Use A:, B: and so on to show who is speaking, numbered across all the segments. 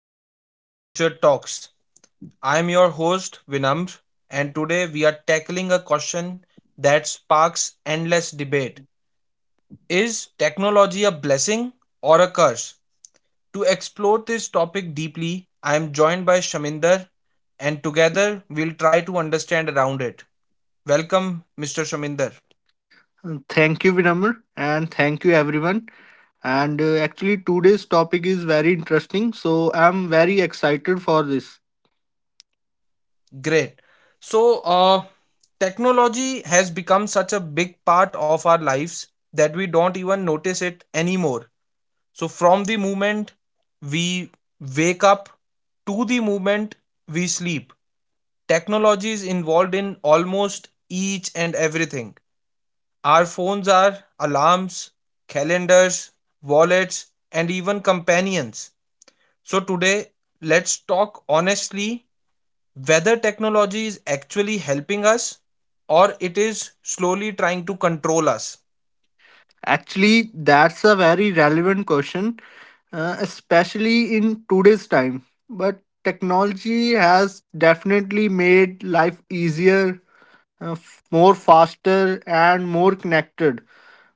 A: and welcome to Future Talks. I am your host, Vinamr, and today we are tackling a question that sparks endless debate. Is technology a blessing or a curse? To explore this topic deeply, I am joined by Shaminder, and together we'll try to understand around it. Welcome, Mr. Shaminder.
B: Thank you, Vinamr, and thank you, everyone. And actually, today's topic is very interesting, so I'm very excited for this.
A: Great. So, uh, Technology has become such a big part of our lives that we don't even notice it anymore. So, from the moment we wake up to the moment we sleep, technology is involved in almost each and everything. Our phones are alarms, calendars, wallets, and even companions. So, today, let's talk honestly whether technology is actually helping us or it is slowly trying to control us.
B: Actually, that's a very relevant question, especially in today's time. But technology has definitely made life easier, more faster, and more connected.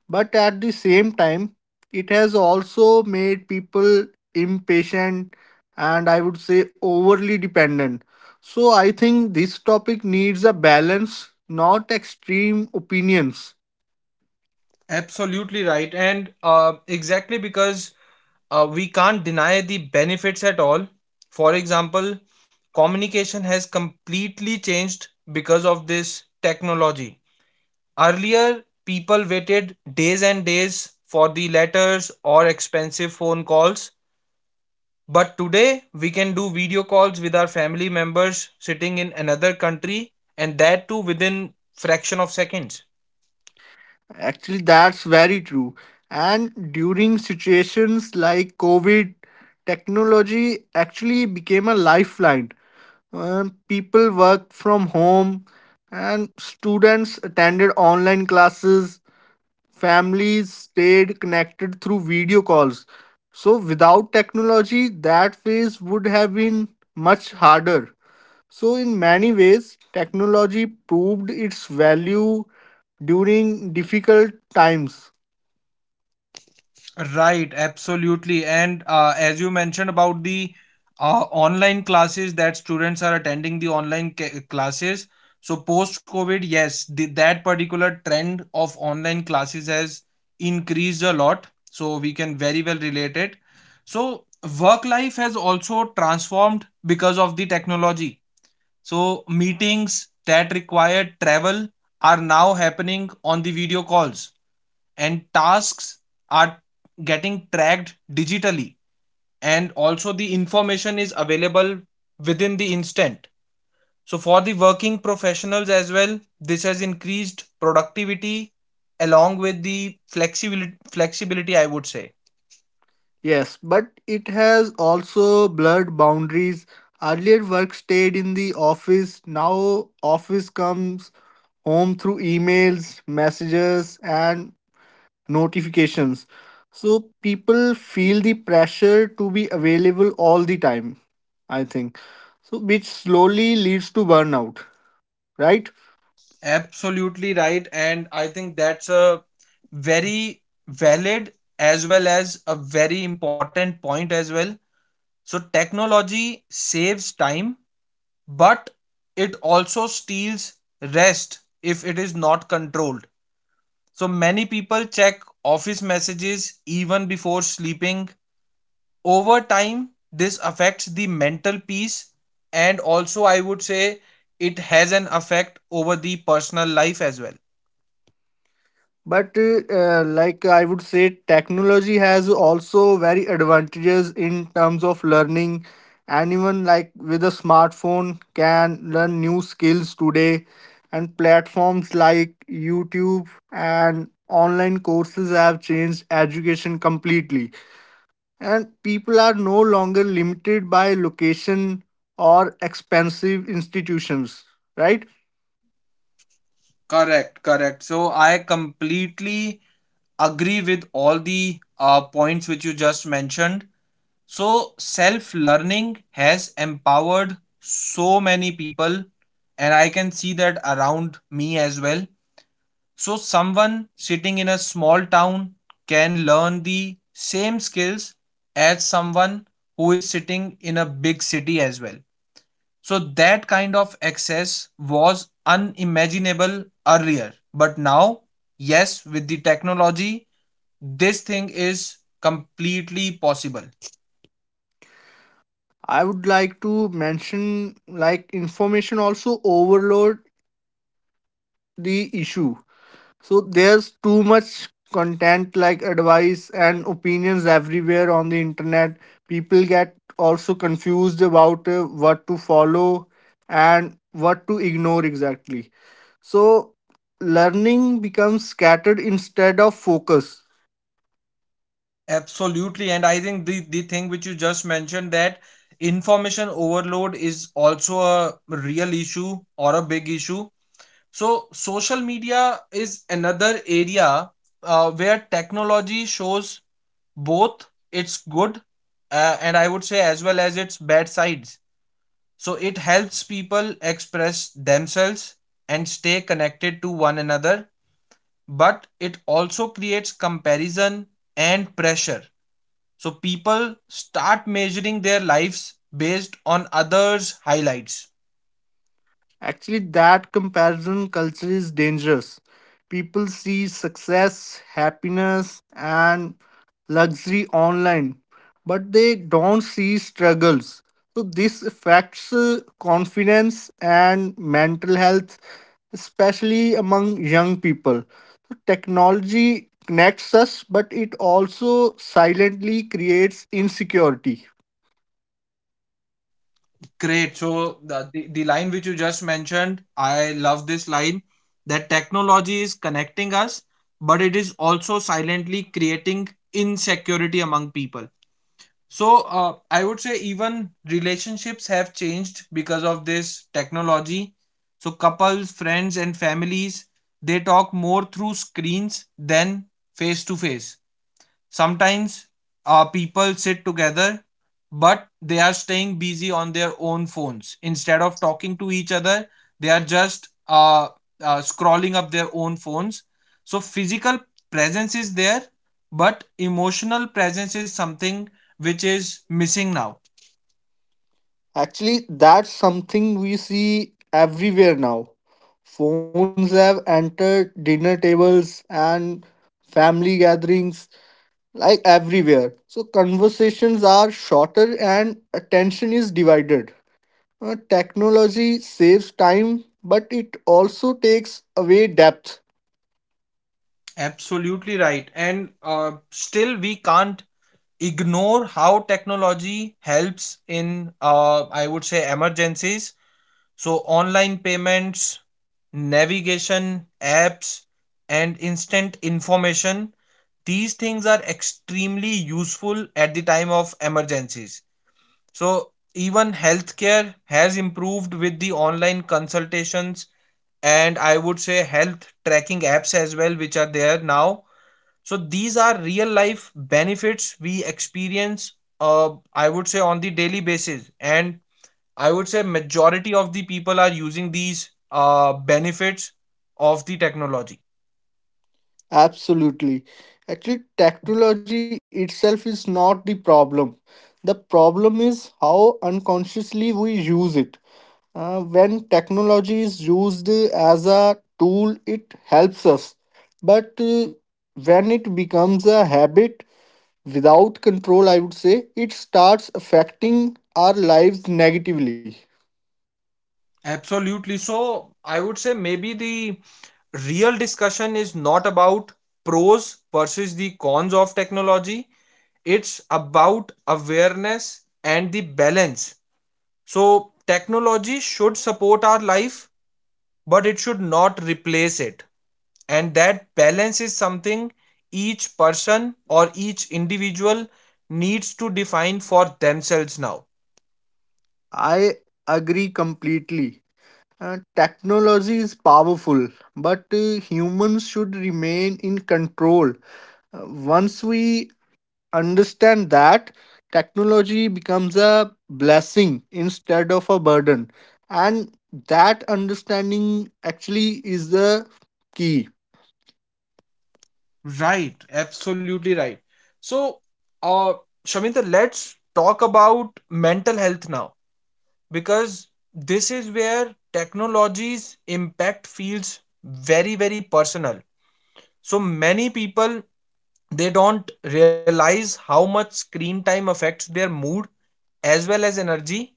B: But at the same time, it has also made people impatient and I would say overly dependent. So I think this topic needs a balance, not extreme opinions.
A: Absolutely right. And Exactly because we can't deny the benefits at all. For example, communication has completely changed because of this technology. Earlier, people waited days and days for the letters or expensive phone calls. But today we can do video calls with our family members sitting in another country and that too within fraction of seconds.
B: Actually, that's very true. And during situations like COVID, technology actually became a lifeline. People worked from home and students attended online classes, families stayed connected through video calls. So without technology, that phase would have been much harder. So in many ways, technology proved its value during difficult times.
A: Right, absolutely. And As you mentioned about the online classes, that students are attending the classes. So post COVID, yes, that particular trend of online classes has increased a lot. So we can very well relate it. So work life has also transformed because of the technology. So, meetings that required travel are now happening on the video calls, and tasks are getting tracked digitally. And also, the information is available within the instant. So, for the working professionals as well, this has increased productivity along with the flexibility, I would say.
B: Yes, but it has also blurred boundaries. Earlier work stayed in the office, now office comes home through emails, messages and notifications. So people feel the pressure to be available all the time, I think. So which slowly leads to burnout, right?
A: Absolutely right. And I think that's a very valid as well as a very important point as well. So, technology saves time, but it also steals rest if it is not controlled. So, many people check office messages even before sleeping. Over time, this affects the mental peace, and also, I would say, it has an effect over the personal life as well.
B: But Like I would say, technology has also very advantages in terms of learning. Anyone like with a smartphone can learn new skills today, and platforms like YouTube and online courses have changed education completely. And people are no longer limited by location or expensive institutions, right?
A: Correct, correct. So I completely agree with all the points which you just mentioned. So self learning has empowered so many people, and I can see that around me as well. So someone sitting in a small town can learn the same skills as someone who is sitting in a big city as well. So that kind of access was unimaginable earlier. But now, yes, with the technology, this thing is completely possible.
B: I would like to mention like information also overload the issue. So there's too much content like advice and opinions everywhere on the internet. People get also confused about what to follow and what to ignore exactly. So learning becomes scattered instead of focus.
A: Absolutely. And I think the thing which you just mentioned, that information overload is also a real issue or a big issue. So social media is another area where technology shows both its good and I would say as well as its bad sides. So it helps people express themselves and stay connected to one another, but it also creates comparison and pressure. So people start measuring their lives based on others' highlights.
B: Actually, that comparison culture is dangerous. People see success, happiness, and luxury online, but they don't see struggles. So, this affects confidence and mental health, especially among young people. Technology connects us, but it also silently creates insecurity.
A: Great. So the line which you just mentioned, I love this line, that technology is connecting us, but it is also silently creating insecurity among people. So I would say even relationships have changed because of this technology. So couples, friends, and families, they talk more through screens than face to face. Sometimes people sit together, but they are staying busy on their own phones. Instead of talking to each other, they are just scrolling up their own phones. So, physical presence is there, but emotional presence is something which is missing now.
B: Actually, that's something we see everywhere now. Phones have entered dinner tables and family gatherings, like everywhere. So, conversations are shorter and attention is divided. Technology saves time, but it also takes away depth.
A: Absolutely right. And Still, we can't ignore how technology helps in, I would say, emergencies. So, online payments, navigation, apps, and instant information, these things are extremely useful at the time of emergencies. So, even healthcare has improved with the online consultations, and I would say health tracking apps as well, which are there now. So, these are real life benefits we experience, I would say, on the daily basis. And I would say majority of the people are using these benefits of the technology.
B: Absolutely. Actually, technology itself is not the problem. The problem is how unconsciously we use it. When technology is used as a tool, it helps us. But when it becomes a habit without control, I would say, it starts affecting our lives negatively.
A: Absolutely. So I would say maybe the real discussion is not about pros versus the cons of technology. It's about awareness and the balance. So technology should support our life, but it should not replace it. And that balance is something each person or each individual needs to define for themselves now.
B: I agree completely. Technology is powerful, but humans should remain in control. Once we understand that, technology becomes a blessing instead of a burden. And that understanding actually is the key.
A: Right, absolutely right. So uh Shamita, let's talk about mental health now, because this is where technology's impact feels very, very personal. So many people, they don't realize how much screen time affects their mood as well as energy,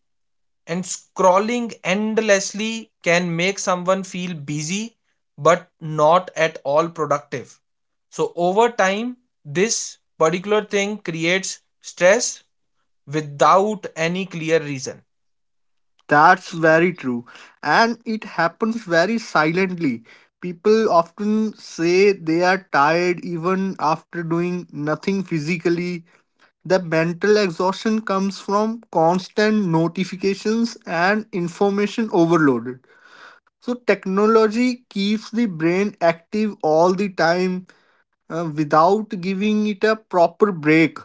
A: and scrolling endlessly can make someone feel busy but not at all productive. So, over time, this particular thing creates stress without any clear reason.
B: That's very true. And it happens very silently. People often say they are tired even after doing nothing physically. The mental exhaustion comes from constant notifications and information overloaded. So, technology keeps the brain active all the time without giving it a proper break.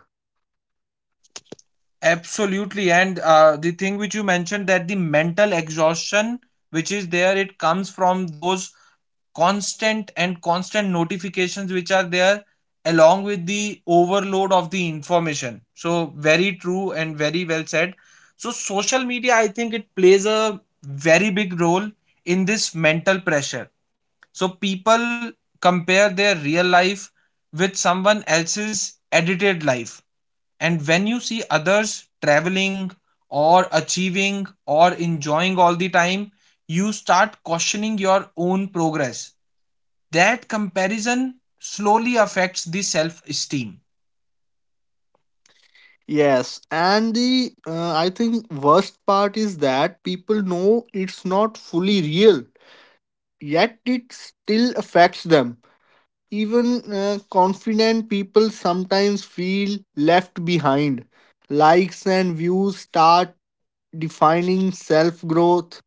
A: Absolutely. And The thing which you mentioned, that the mental exhaustion which is there, it comes from those constant and constant notifications which are there along with the overload of the information. So very true and very well said. So social media, I think, it plays a very big role in this mental pressure. So people compare their real life with someone else's edited life, and when you see others traveling or achieving or enjoying all the time, you start questioning your own progress. That comparison slowly affects the self esteem.
B: Yes, and the I think worst part is that people know it's not fully real, yet it still affects them. Even confident people sometimes feel left behind. Likes and views start defining self growth,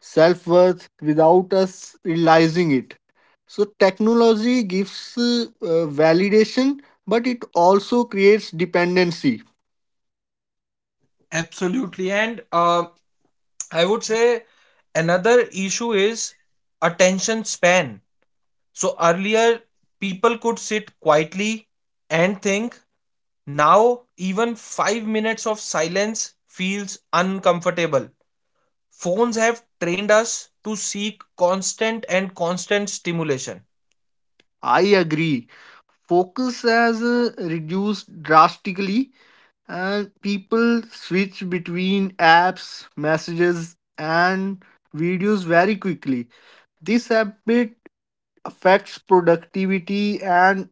B: self worth without us realizing it. So, technology gives validation, but it also creates dependency.
A: Absolutely. And uh, i would say another issue is attention span. So earlier people could sit quietly and think. Now even 5 minutes of silence feels uncomfortable. Phones have trained us to seek constant and constant stimulation.
B: I agree. Focus has reduced drastically and people switch between apps, messages, and videos very quickly. This habit affects productivity and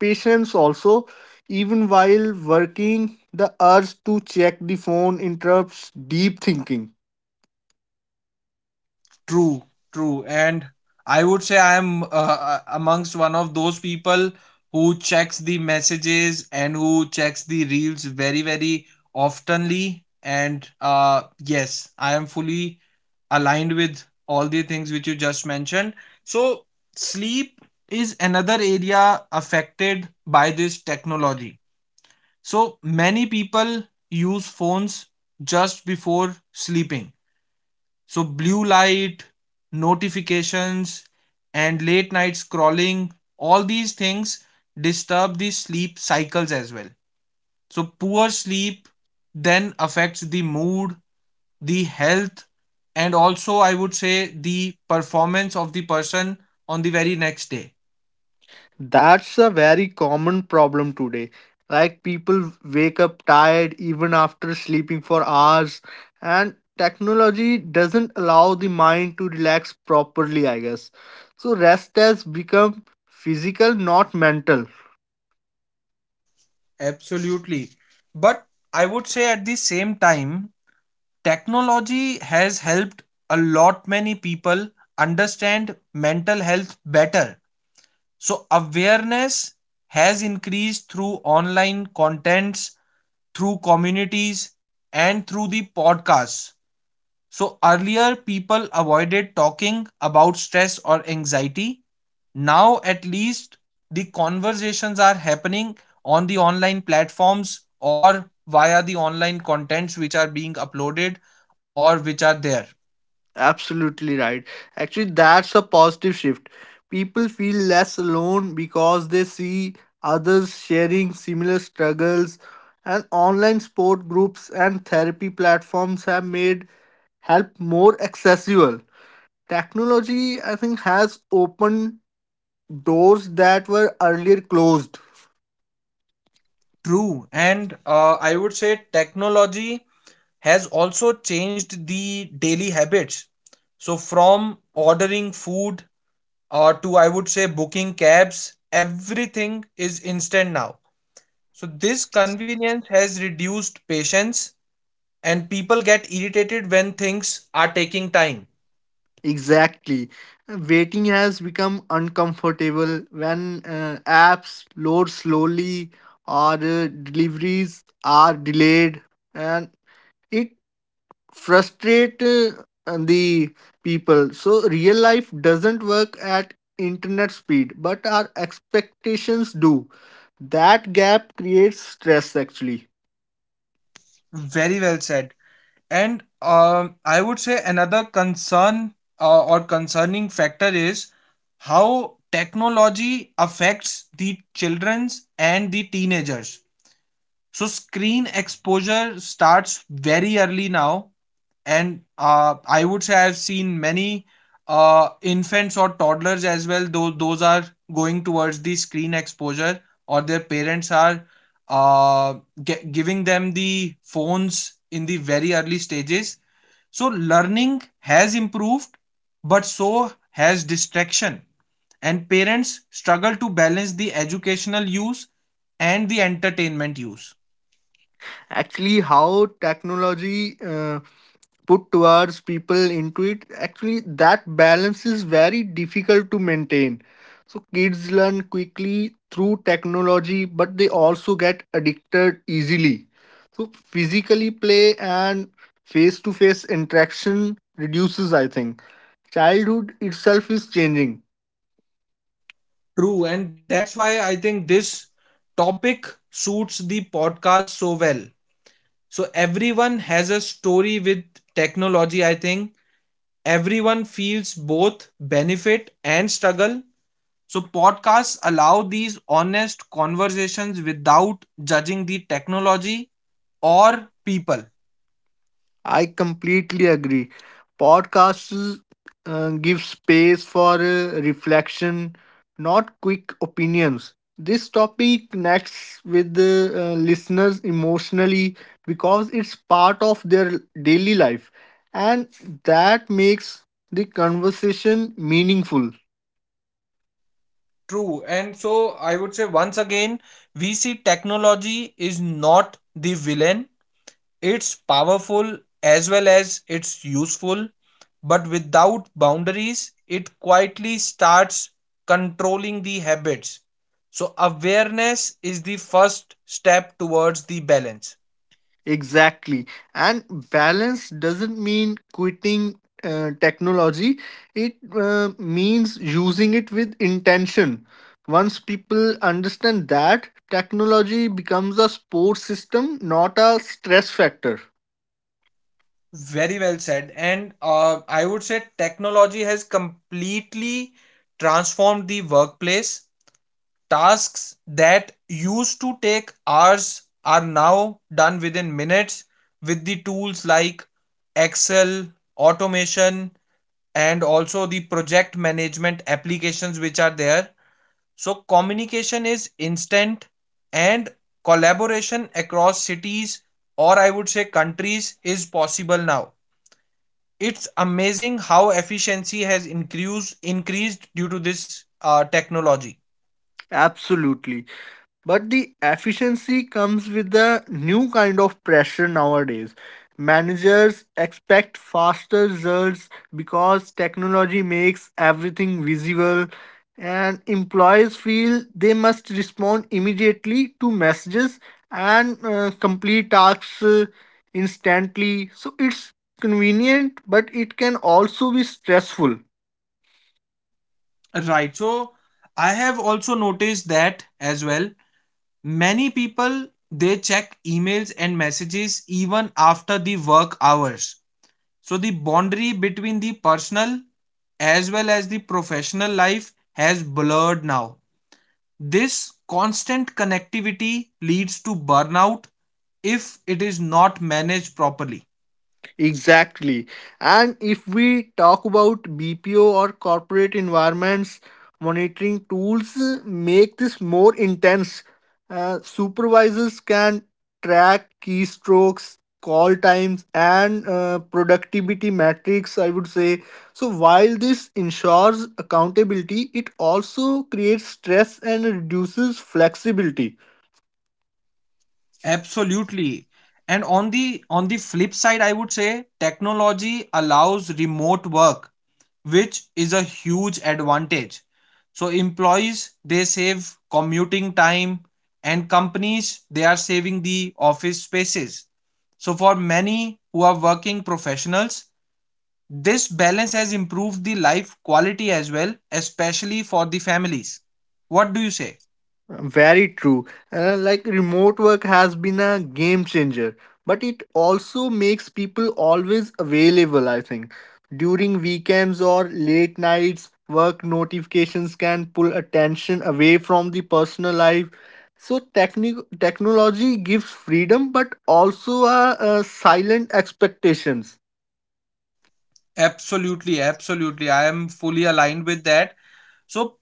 B: patience also. Even while working, the urge to check the phone interrupts deep thinking.
A: True, true. And I would say I am amongst one of those people who checks the messages and who checks the reels very, very oftenly. And Yes, I am fully aligned with all the things which you just mentioned. So, sleep is another area affected by this technology. So, many people use phones just before sleeping. So, blue light, notifications, and late night scrolling, all these things disturb the sleep cycles as well. So, poor sleep then affects the mood, the health, and also I would say the performance of the person on the very next day.
B: That's a very common problem today. Like people wake up tired even after sleeping for hours, and technology doesn't allow the mind to relax properly, I guess. So, rest has become physical, not mental.
A: Absolutely. But I would say at the same time, technology has helped a lot many people understand mental health better. So, awareness has increased through online contents, through communities, and through the podcasts. So, earlier people avoided talking about stress or anxiety. Now, at least, the conversations are happening on the online platforms or via the online contents which are being uploaded or which are there.
B: Absolutely right. Actually, that's a positive shift. People feel less alone because they see others sharing similar struggles, and online support groups and therapy platforms have made help more accessible. Technology, I think, has opened doors that were earlier closed.
A: True. And I would say technology has also changed the daily habits. So, from ordering food or to I would say booking cabs, everything is instant now. So, this convenience has reduced patience and people get irritated when things are taking time.
B: Exactly. Waiting has become uncomfortable when apps load slowly or deliveries are delayed, and it frustrate the people. So real life doesn't work at internet speed, but our expectations do. That gap creates stress actually.
A: Very well said. And I would say another concern or concerning factor is how technology affects the children's and the teenagers. So screen exposure starts very early now, and I would say I've seen many infants or toddlers as well, though those are going towards the screen exposure, or their parents are uh, giving them the phones in the very early stages. So learning has improved, but so has distraction, and parents struggle to balance the educational use and the entertainment use.
B: Actually, how technology put towards people into it, actually that balance is very difficult to maintain. So kids learn quickly through technology but they also get addicted easily. So physically play and face to face interaction reduces. I think childhood itself is changing.
A: True, and that's why I think this topic suits the podcast so well. So, everyone has a story with technology, I think. Everyone feels both benefit and struggle. So, podcasts allow these honest conversations without judging the technology or people.
B: I completely agree. Podcasts give space for reflection, not quick opinions. This topic connects with the listeners emotionally because it's part of their daily life, and that makes the conversation meaningful.
A: True, and so I would say once again, we see technology is not the villain. It's powerful as well as it's useful, but without boundaries, it quietly starts controlling the habits. So, awareness is the first step towards the balance.
B: Exactly. And balance doesn't mean quitting technology, it means using it with intention. Once people understand that, technology becomes a support system, not a stress factor.
A: Very well said. And I would say technology has completely transformed the workplace. Tasks that used to take hours are now done within minutes with the tools like Excel, automation, and also the project management applications which are there. So, communication is instant and collaboration across cities or I would say countries is possible now. It's amazing how efficiency has increased due to this technology.
B: Absolutely. But the efficiency comes with a new kind of pressure nowadays. Managers expect faster results because technology makes everything visible, and employees feel they must respond immediately to messages and complete tasks instantly. So it's convenient, but it can also be stressful.
A: Right. So I have also noticed that as well. Many people, they check emails and messages even after the work hours. So the boundary between the personal as well as the professional life has blurred now. This constant connectivity leads to burnout if it is not managed properly.
B: Exactly. And if we talk about BPO or corporate environments, monitoring tools make this more intense. Supervisors can track keystrokes, call times, and productivity metrics, I would say. So, while this ensures accountability, it also creates stress and reduces flexibility.
A: Absolutely. And on the flip side, I would say technology allows remote work, which is a huge advantage. So employees, they save commuting time, and companies, they are saving the office spaces. So for many who are working professionals, this balance has improved the life quality as well, especially for the families. What do you say?
B: Very true. Like remote work has been a game changer, but it also makes people always available, I think. During weekends or late nights, work notifications can pull attention away from the personal life. So technology gives freedom but also a silent expectations.
A: Absolutely, absolutely, I am fully aligned with that. So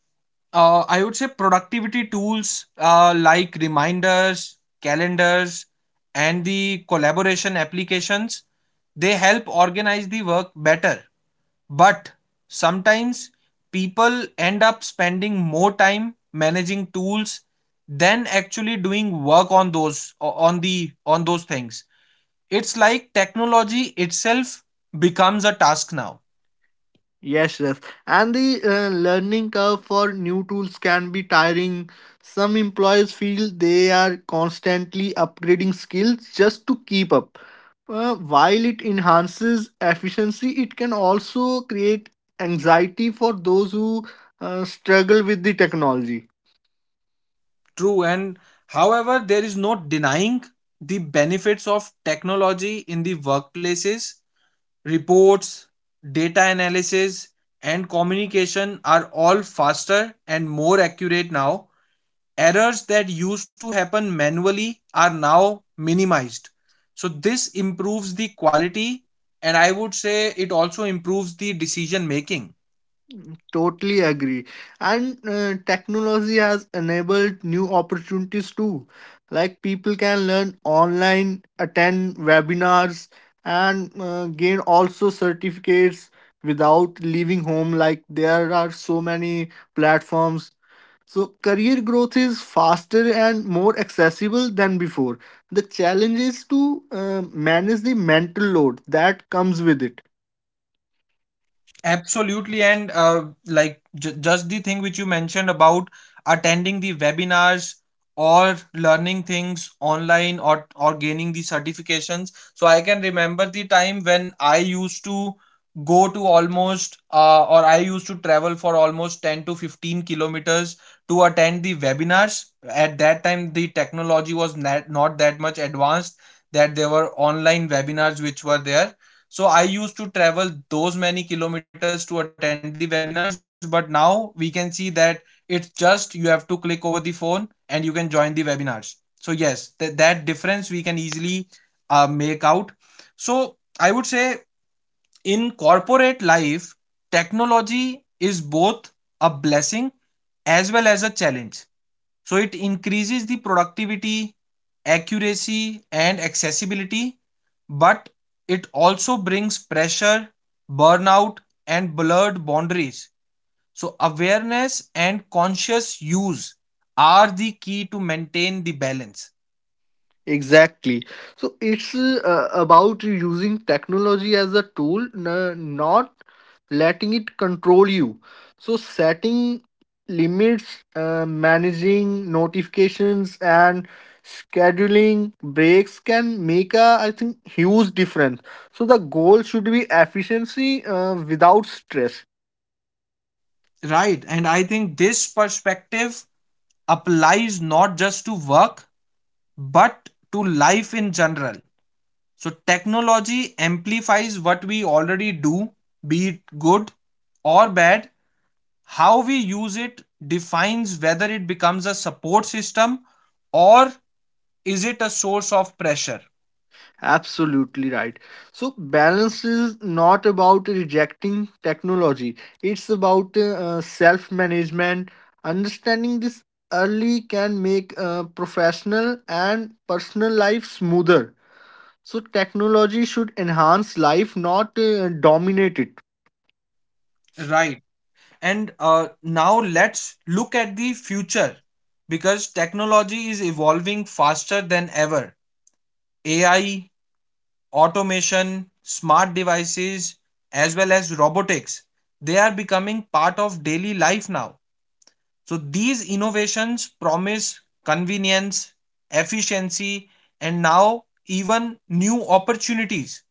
A: I would say productivity tools like reminders, calendars, and the collaboration applications, They help organize the work better. But sometimes people end up spending more time managing tools than actually doing work on those on the on those things. It's like technology itself becomes a task now.
B: Yes, yes. And the learning curve for new tools can be tiring. Some employers feel they are constantly upgrading skills just to keep up. While it enhances efficiency, it can also create anxiety for those who struggle with the technology.
A: True, and however, there is no denying the benefits of technology in the workplaces. Reports, data analysis, and communication are all faster and more accurate now. Errors that used to happen manually are now minimized. So, this improves the quality, and I would say it also improves the decision making.
B: Totally agree. And technology has enabled new opportunities too. Like people can learn online, attend webinars, and gain also certificates without leaving home. Like there are so many platforms. So career growth is faster and more accessible than before. The challenge is to manage the mental load that comes with it.
A: Absolutely, and like just the thing which you mentioned about attending the webinars or learning things online or gaining the certifications. So I can remember the time when I used to go to almost or I used to travel for almost 10 to 15 kilometers to attend the webinars. At that time, the technology was not that much advanced that there were online webinars which were there, so I used to travel those many kilometers to attend the webinars, but now we can see that it's just you have to click over the phone and you can join the webinars. So yes, that difference we can easily make out. So I would say in corporate life, technology is both a blessing as well as a challenge. So it increases the productivity, accuracy, and accessibility, but it also brings pressure, burnout, and blurred boundaries. So, awareness and conscious use are the key to maintain the balance.
B: Exactly. So it's about using technology as a tool, not letting it control you. So setting limits, managing notifications, and scheduling breaks can make a, I think, huge difference. So the goal should be efficiency without stress.
A: Right. And I think this perspective applies not just to work, but to life in general. So, technology amplifies what we already do, be it good or bad. How we use it defines whether it becomes a support system or is it a source of pressure.
B: Absolutely right. So, balance is not about rejecting technology, it's about self management. Understanding this early can make professional and personal life smoother. So, technology should enhance life, not dominate it.
A: Right, and now let's look at the future, because technology is evolving faster than ever. AI, automation, smart devices, as well as robotics, they are becoming part of daily life now. So these innovations promise convenience, efficiency, and now even new opportunities,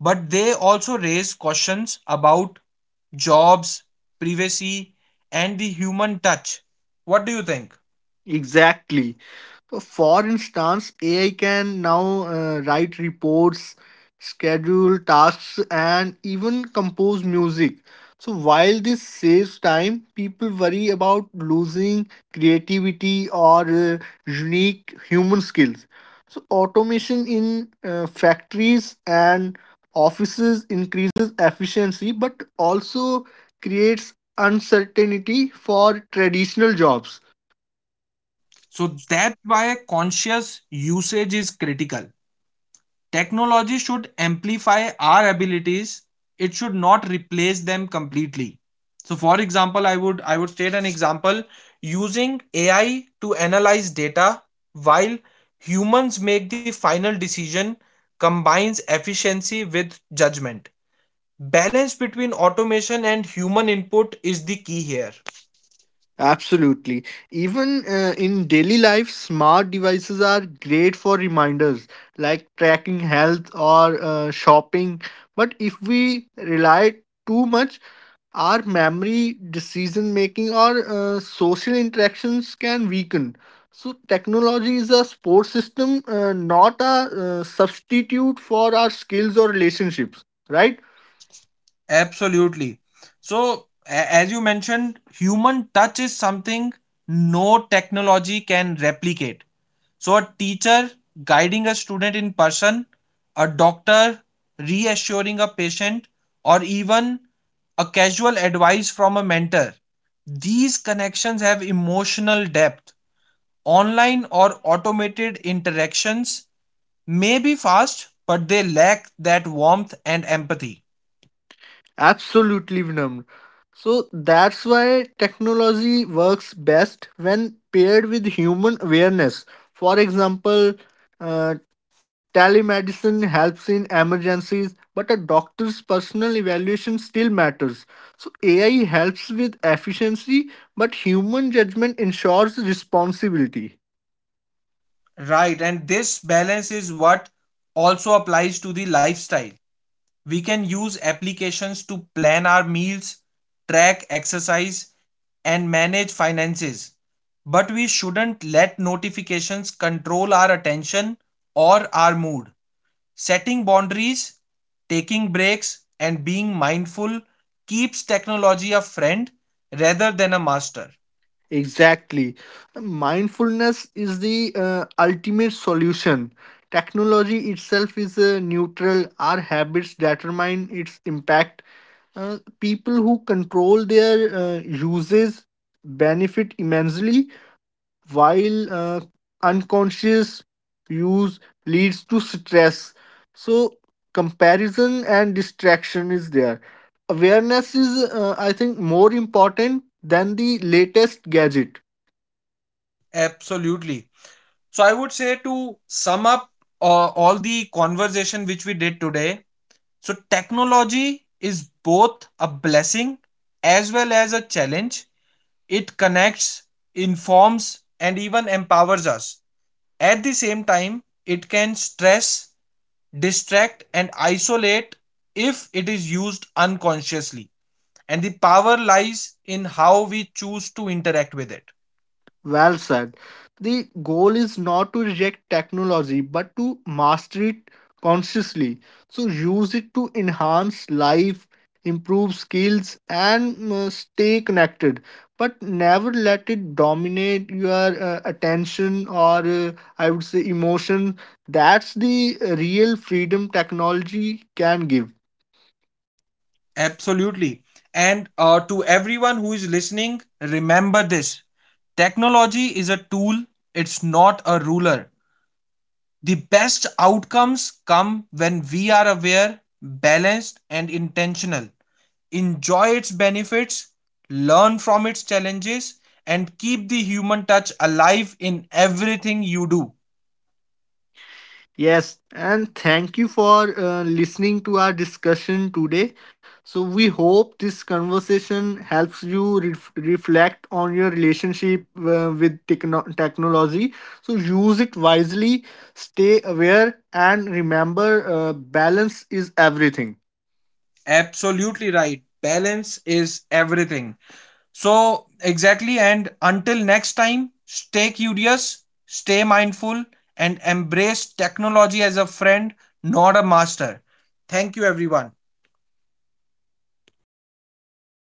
A: but they also raise questions about jobs, privacy, and the human touch. What do you think?
B: Exactly. For instance, AI can now write reports, schedule tasks, and even compose music. So, while this saves time, people worry about losing creativity or unique human skills. So, automation in factories and offices increases efficiency but also creates uncertainty for traditional jobs.
A: So that's why conscious usage is critical. Technology should amplify our abilities. It should not replace them completely. So for example, I would state an example: using AI to analyze data while humans make the final decision combines efficiency with judgment. Balance between automation and human input is the key here.
B: Absolutely. Even in daily life, smart devices are great for reminders like tracking health or shopping. But if we rely too much, our memory, decision making, or social interactions can weaken. So, technology is a support system, not a substitute for our skills or relationships, right?
A: Absolutely. So as you mentioned, human touch is something no technology can replicate. So a teacher guiding a student in person, a doctor reassuring a patient, or even a casual advice from a mentor, these connections have emotional depth. Online or automated interactions may be fast, but they lack that warmth and empathy.
B: Absolutely numbed. So that's why technology works best when paired with human awareness. For example, uh, telemedicine helps in emergencies, but a doctor's personal evaluation still matters. So AI helps with efficiency, but human judgment ensures responsibility.
A: Right, and this balance is what also applies to the lifestyle. We can use applications to plan our meals, track exercise, and manage finances. But we shouldn't let notifications control our attention or our mood. Setting boundaries, taking breaks, and being mindful keeps technology a friend rather than a master.
B: Exactly. Mindfulness is the ultimate solution. Technology itself is neutral. Our habits determine its impact. People who control their uses benefit immensely, while unconscious use leads to stress. So, comparison and distraction is there. Awareness is, I think, more important than the latest gadget.
A: Absolutely. So I would say, to sum up all the conversation which we did today, so technology is both a blessing as well as a challenge. It connects, informs, and even empowers us. At the same time, it can stress, distract, and isolate if it is used unconsciously. And the power lies in how we choose to interact with it.
B: Well said. The goal is not to reject technology but to master it consciously. So use it to enhance life, improve skills, and stay connected. But never let it dominate your attention or I would say emotion. That's the real freedom technology can give.
A: Absolutely. And to everyone who is listening, remember this: technology is a tool, it's not a ruler. The best outcomes come when we are aware, balanced, and intentional. Enjoy its benefits, learn from its challenges, and keep the human touch alive in everything you do.
B: Yes, and thank you for listening to our discussion today. So, we hope this conversation helps you reflect on your relationship with technology. So, use it wisely, stay aware, and remember balance is everything.
A: Absolutely right. Balance is everything. So, exactly. And until next time, stay curious, stay mindful, and embrace technology as a friend, not a master. Thank you, everyone.